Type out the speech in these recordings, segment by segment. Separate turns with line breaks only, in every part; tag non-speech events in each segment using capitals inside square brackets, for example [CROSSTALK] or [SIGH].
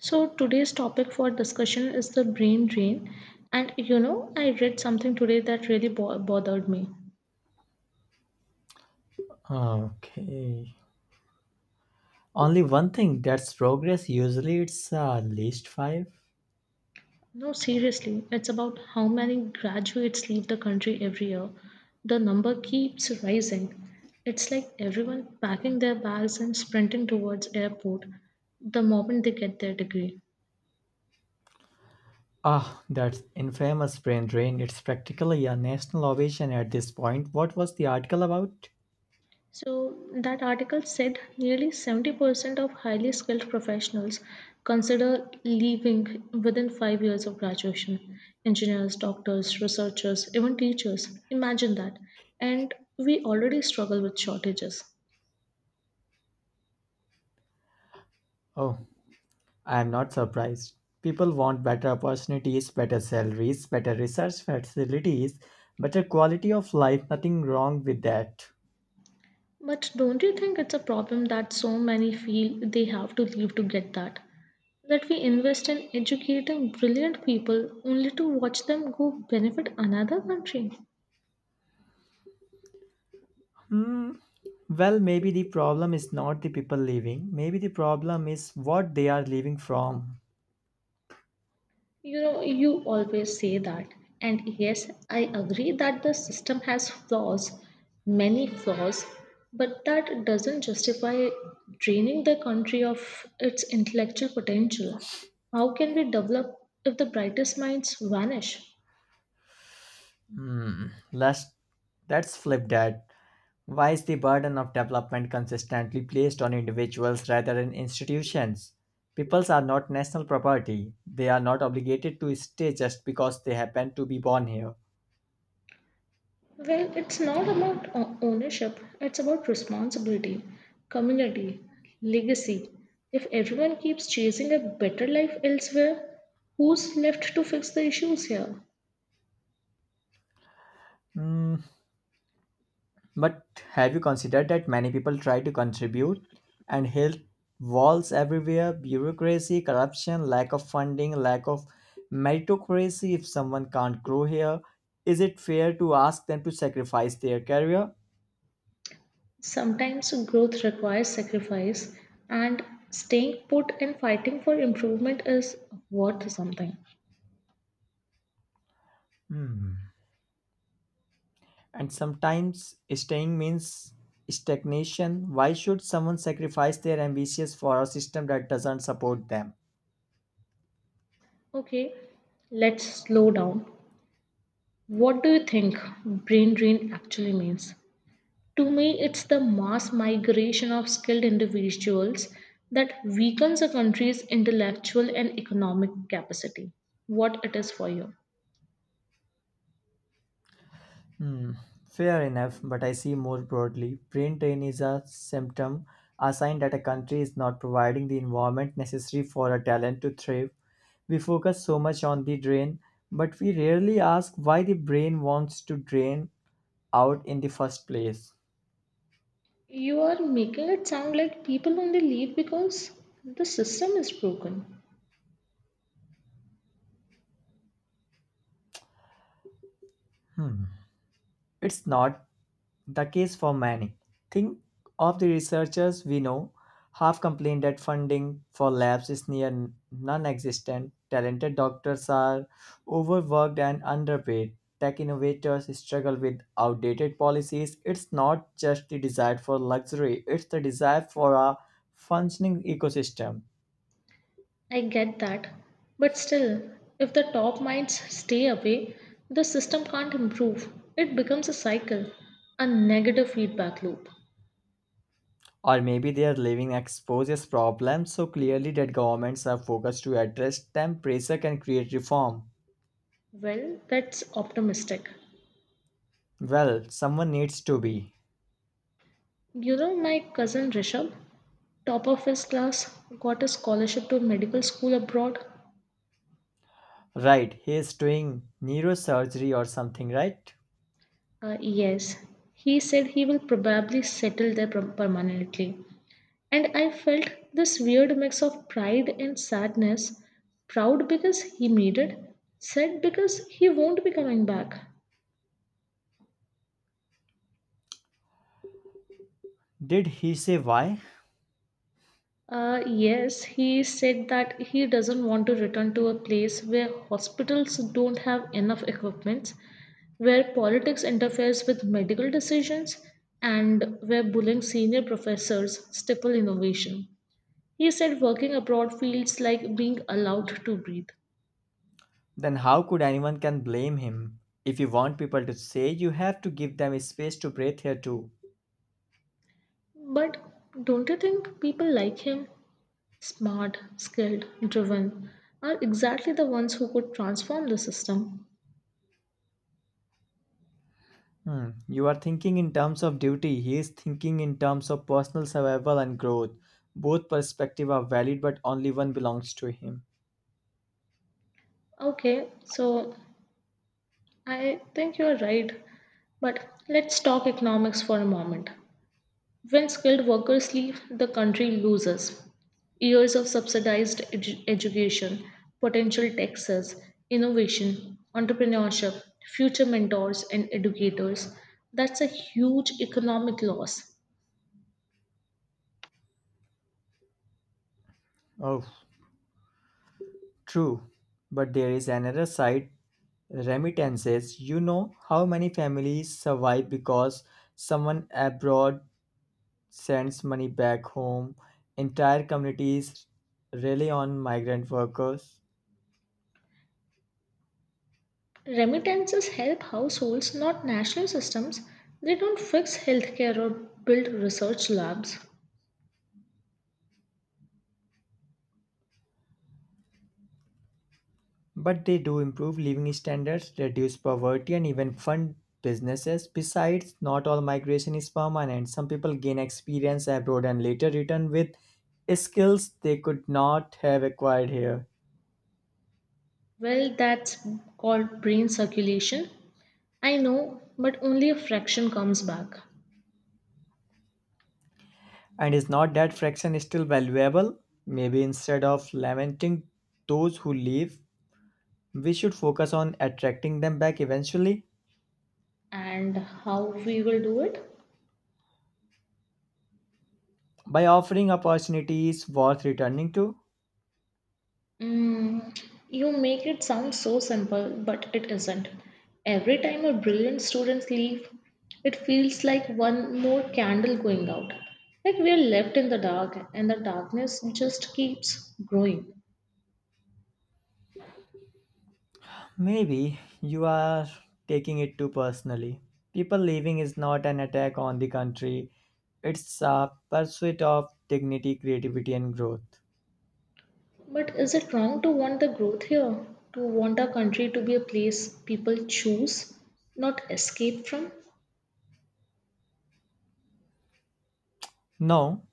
So today's topic for discussion is the brain drain. And you know, I read something today that really bothered me.
Okay. Only one thing that's progress. Usually it's least five.
No, seriously, it's about how many graduates leave the country every year. The number keeps rising. It's like everyone packing their bags and sprinting towards airport the moment they get their degree.
Ah, that infamous brain drain. It's practically a national ovation at this point. What was the article about?
So, that article said nearly 70% of highly skilled professionals consider leaving within 5 years of graduation. Engineers, doctors, researchers, even teachers. Imagine that. And we already struggle with shortages.
Oh, I am not surprised. People want better opportunities, better salaries, better research facilities, better quality of life. Nothing wrong with that.
But don't you think it's a problem that so many feel they have to leave to get that? That we invest in educating brilliant people only to watch them go benefit another country?
Hmm. Well, maybe the problem is not the people leaving. Maybe the problem is what they are leaving from.
You know, you always say that. And yes, I agree that the system has flaws, many flaws, but that doesn't justify draining the country of its intellectual potential. How can we develop if the brightest minds vanish?
Hmm, let's, let's flip that. Why is the burden of development consistently placed on individuals rather than institutions? Peoples are not national property. They are not obligated to stay just because they happen to be born here.
Well, it's not about ownership, it's about responsibility, community, legacy. If everyone keeps chasing a better life elsewhere, who's left to fix the issues here?
Hmm, but have you considered that many people try to contribute and hit walls everywhere? Bureaucracy, corruption, lack of funding, lack of meritocracy. If someone can't grow here, is it fair to ask them to sacrifice their career?
Sometimes growth requires sacrifice, and staying put and fighting for improvement is worth something.
Hmm. And sometimes staying means stagnation. Why should someone sacrifice their ambitions for a system that doesn't support them?
Okay, let's slow down. What do you think brain drain actually means? To me, it's the mass migration of skilled individuals that weakens a country's intellectual and economic capacity. What it is for you?
Hmm. Fair enough, but I see more broadly. Brain drain is a symptom, a sign that a country is not providing the environment necessary for a talent to thrive. We focus so much on the drain, but we rarely ask why the brain wants to drain out in the first place.
You are making it sound like people only leave because the system is broken.
Hmm. It's not the case for many. Think of the researchers we know have complained that funding for labs is near non existent, talented doctors are overworked and underpaid, tech innovators struggle with outdated policies. It's not just the desire for luxury, it's the desire for a functioning ecosystem.
I get that. But still, if the top minds stay away, the system can't improve. It becomes a cycle, a negative feedback loop.
Or maybe their living exposes problems so clearly that governments are focused to address them, pressure can create reform.
Well, that's optimistic.
Well, someone needs to be.
You know, my cousin Rishabh, top of his class, got a scholarship to a medical school abroad.
Right, he is doing neurosurgery or something, right?
Yes, he said he will probably settle there permanently. And I felt this weird mix of pride and sadness proud because he made it, sad because he won't be coming back.
Did he say why?
Yes, he said that he doesn't want to return to a place where hospitals don't have enough equipment, where politics interferes with medical decisions, and where bullying senior professors stifle innovation. He said working abroad feels like being allowed to breathe.
Then how could anyone can blame him? If you want people to say, you have to give them space to breathe here too.
But don't you think people like him? Smart, skilled, driven are exactly the ones who could transform the system.
Hmm. You are thinking in terms of duty. He is thinking in terms of personal survival and growth. Both perspectives are valid, but only one belongs to him.
Okay, so I think you're right, but let's talk economics for a moment. When skilled workers leave, the country loses years of subsidized education, potential taxes, innovation, entrepreneurship, future mentors, and educators. That's a huge economic loss.
Oh, true. But there is another side remittances. You know how many families survive because someone abroad sends money back home. Entire communities rely on migrant workers,
Remittances help households, not national systems. They don't fix healthcare or build research labs.
but they do improve living standards, reduce poverty, and even fund businesses. Besides, not all migration is permanent. Some people gain experience abroad and later return with skills they could not have acquired here.
Well, that's called brain circulation. I know, but only a fraction comes back.
And is not that fraction is still valuable? Maybe instead of lamenting those who leave, we should focus on attracting them back eventually.
And how we will do it?
By offering opportunities worth returning to.
Mm, you make it sound so simple, but it isn't. Every time a brilliant student leaves, it feels like one more candle going out. Like we are left in the dark, and the darkness just keeps growing.
Maybe you are taking it too personally. People leaving is not an attack on the country, it's a pursuit of dignity, creativity, and growth.
But is it wrong to want the growth here? To want our country to be a place people choose, not escape from?
No,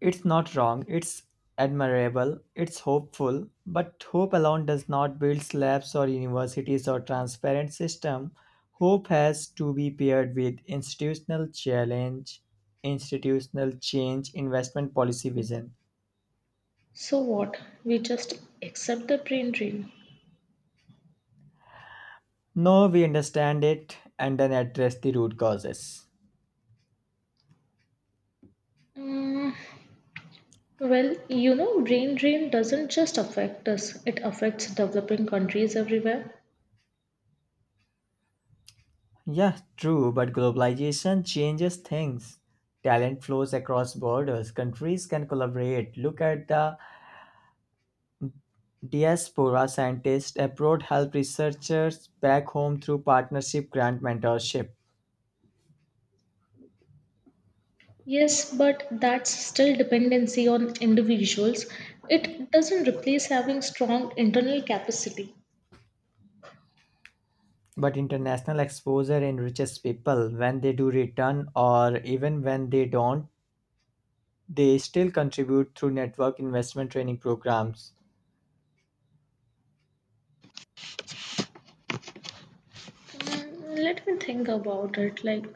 it's not wrong, it's admirable, it's hopeful, but hope alone does not build slabs or universities or transparent system. Hope has to be paired with institutional challenge, institutional change, investment policy vision.
So what? We just accept the brain drain.
No, we understand it and then address the root causes.
Mm, well, you know, brain drain doesn't just affect us, it affects developing countries everywhere.
Yeah, true, but globalization changes things. Talent flows across borders. Countries can collaborate. Look at the Diaspora scientists abroad help researchers back home through partnership, grant mentorship.
Yes, but that's still dependency on individuals. It doesn't replace having strong internal capacity.
But international exposure enriches people. When they do return, or even when they don't, they still contribute through network investment training programs.
Mm, let me think about it.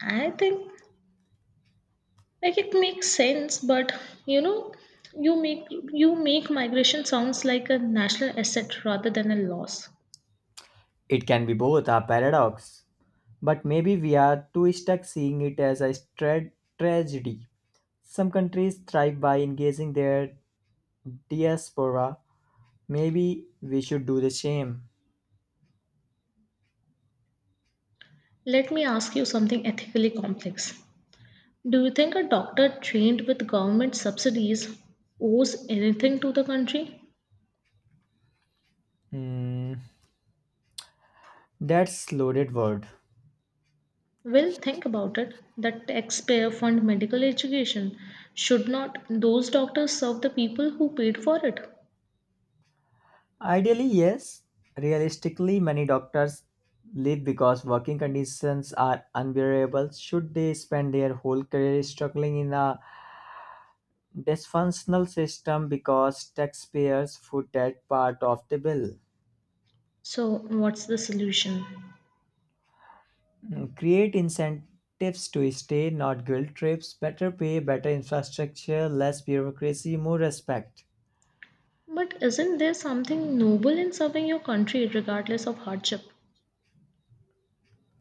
I think it makes sense but you know you make you make migration sounds like a national asset rather than a loss.
It can be both a paradox. But maybe we are too stuck seeing it as a tragedy. Some countries thrive by engaging their diaspora. Maybe we should do the same.
Let me ask you something ethically complex. Do you think a doctor trained with government subsidies owes anything to the country?
Hmm. That's loaded word.
Well, think about it. The taxpayer fund medical education, should not those doctors serve the people who paid for it?
Ideally, yes. Realistically, many doctors leave because working conditions are unbearable. Should they spend their whole career struggling in a dysfunctional system because taxpayers foot that part of the bill?
So what's the solution?
Create incentives to stay, not guilt trips. Better pay, better infrastructure, less bureaucracy, more respect.
But isn't there something noble in serving your country regardless of hardship?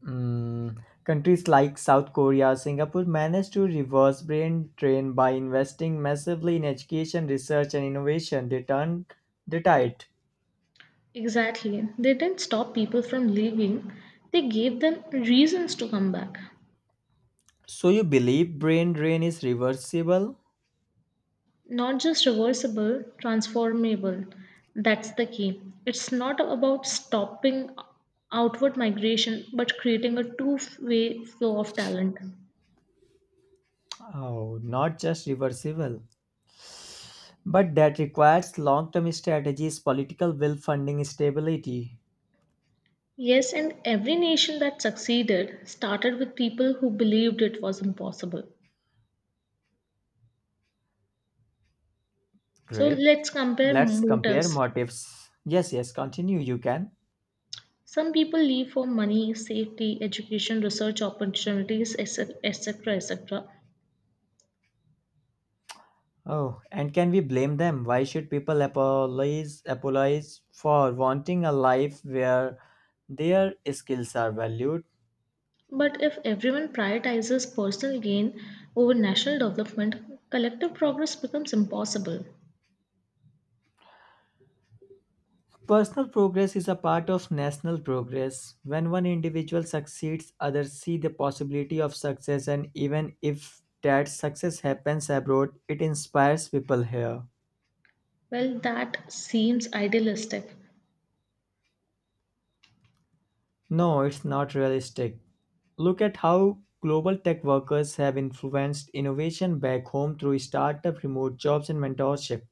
Countries like South Korea, Singapore managed to reverse brain drain by investing massively in education, research, and innovation. They turned the tide.
Exactly. They didn't stop people from leaving, they gave them reasons to come back.
So you believe brain drain is reversible?
Not just reversible, transformable. That's the key. It's not about stopping outward migration, but creating a two-way flow of talent.
Oh, not just reversible, but that requires long-term strategies, political will, funding stability.
Yes, and every nation that succeeded started with people who believed it was impossible. So
Great.
let's compare
Let's compare
motives.
motives. Yes, yes. Continue. You can.
Some people leave for money, safety, education, research opportunities, etc., etc., etc.
Oh, and can we blame them? Why should people apologize for wanting a life where their skills are valued?
But if everyone prioritizes personal gain over national development, collective progress becomes impossible.
Personal progress is a part of national progress. When one individual succeeds, others see the possibility of success, and even if that success happens abroad, it inspires people here.
Well, that seems idealistic.
No, it's not realistic. Look at how global tech workers have influenced innovation back home through startup, remote jobs, and mentorship.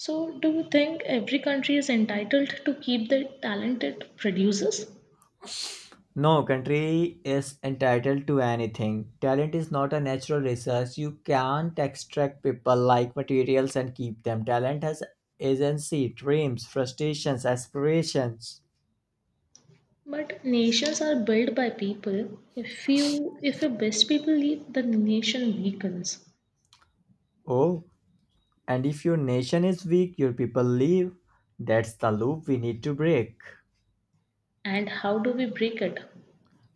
So, do you think every country is entitled to keep the talent it produces?
No country is entitled to anything. Talent is not a natural resource. You can't extract people like materials and keep them. Talent has agency, dreams, frustrations, aspirations.
But nations are built by people. If your best people leave, the nation weakens.
Oh, and if your nation is weak, your people leave. That's the loop we need to break.
And how do we break it?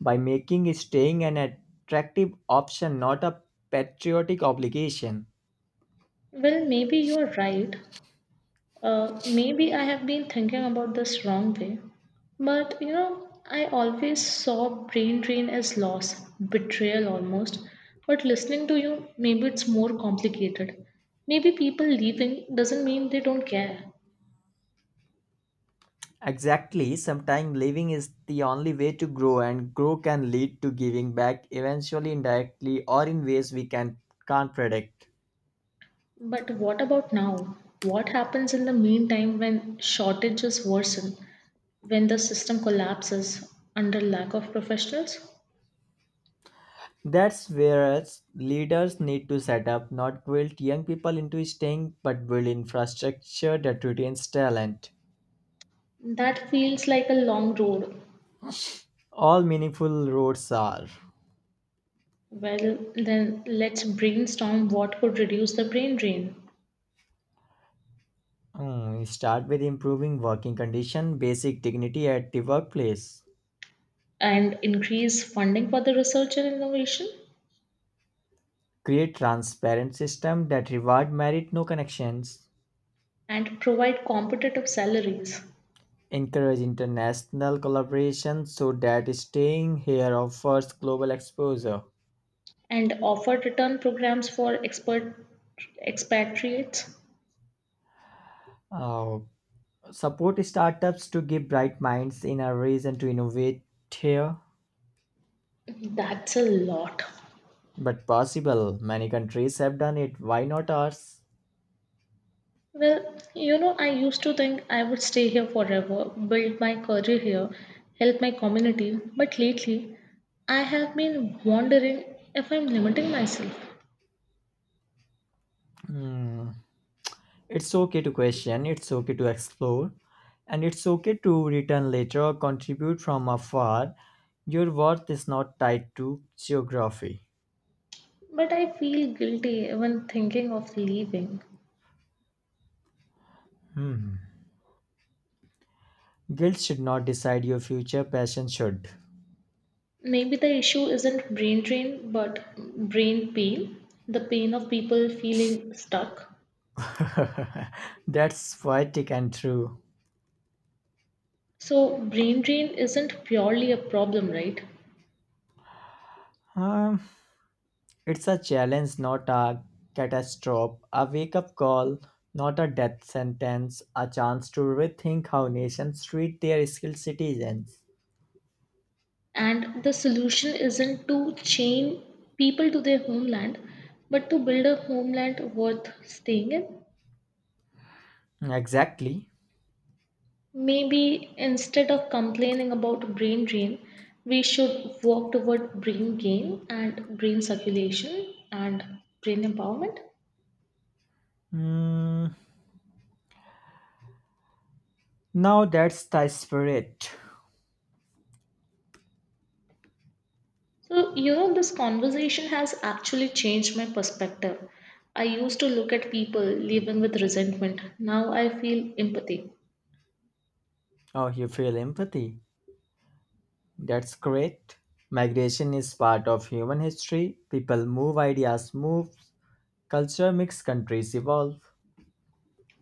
By making staying an attractive option, not a patriotic obligation.
Well, maybe you're right. Maybe I have been thinking about this wrong way. But you know, I always saw brain drain as loss, betrayal almost. But listening to you, maybe it's more complicated. Maybe people leaving doesn't mean they don't care.
Exactly, sometimes living is the only way to grow, and grow can lead to giving back eventually, indirectly, or in ways can't predict.
But what about now? What happens in the meantime when shortages worsen, when the system collapses under lack of professionals?
That's where us leaders need to set up, not guilt young people into staying, but build infrastructure that retains talent.
That feels like a long road.
All meaningful roads are.
Well, then let's brainstorm what could reduce the brain drain
Start with improving working condition, basic dignity at the workplace.
and increase funding for the research and innovation
Create transparent system that reward merit, no connections.
and provide competitive salaries
Encourage international collaboration so that staying here offers global exposure.
and offer return programs for expert expatriates.
Uh, support startups to give bright minds in a reason to innovate here,
That's a lot.
but possible. Many countries have done it. Why not ours?
Well, you know, I used to think I would stay here forever, build my career here, help my community, but lately I have been wondering if I'm limiting myself.
Hmm. It's okay to question, it's okay to explore, and it's okay to return later or contribute from afar. Your worth is not tied to geography.
But I feel guilty even thinking of leaving.
Hmm. Guilt should not decide your future, passion should.
Maybe the issue isn't brain drain, but brain pain, the pain of people feeling stuck.
[LAUGHS] That's poetic and true.
So, brain drain isn't purely a problem, right?
Um, it's a challenge, not a catastrophe, a wake up call, not a death sentence, a chance to rethink how nations treat their skilled citizens.
And the solution isn't to chain people to their homeland, but to build a homeland worth staying in.
Exactly.
Maybe instead of complaining about brain drain, we should work toward brain gain and brain circulation and brain empowerment.
Hmm. Now that's the spirit.
So, you know, this conversation has actually changed my perspective. I used to look at people living with resentment. Now I feel empathy.
Oh, you feel empathy. That's great. Migration is part of human history. People move, ideas move, culture mix, countries evolve.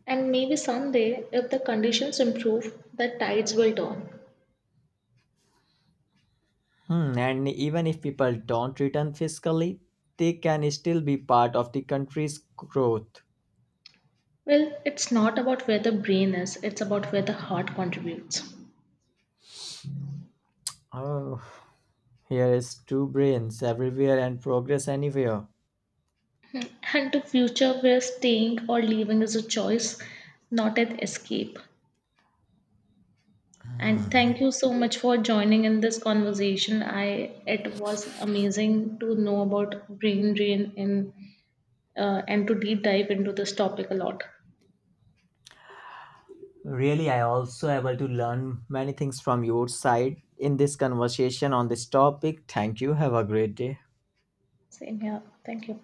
And maybe someday, if the conditions improve, the tides will turn.
And even if people don't return fiscally, they can still be part of the country's growth.
Well, it's not about where the brain is, it's about where the heart contributes.
Oh, here is two brains everywhere and progress anywhere.
And to future where staying or leaving is a choice, not an escape. And thank you so much for joining in this conversation. I It was amazing to know about brain drain and to deep dive into this topic a lot.
Really, I also able to learn many things from your side in this conversation on this topic. Thank you. Have a great day.
Same here. Thank you.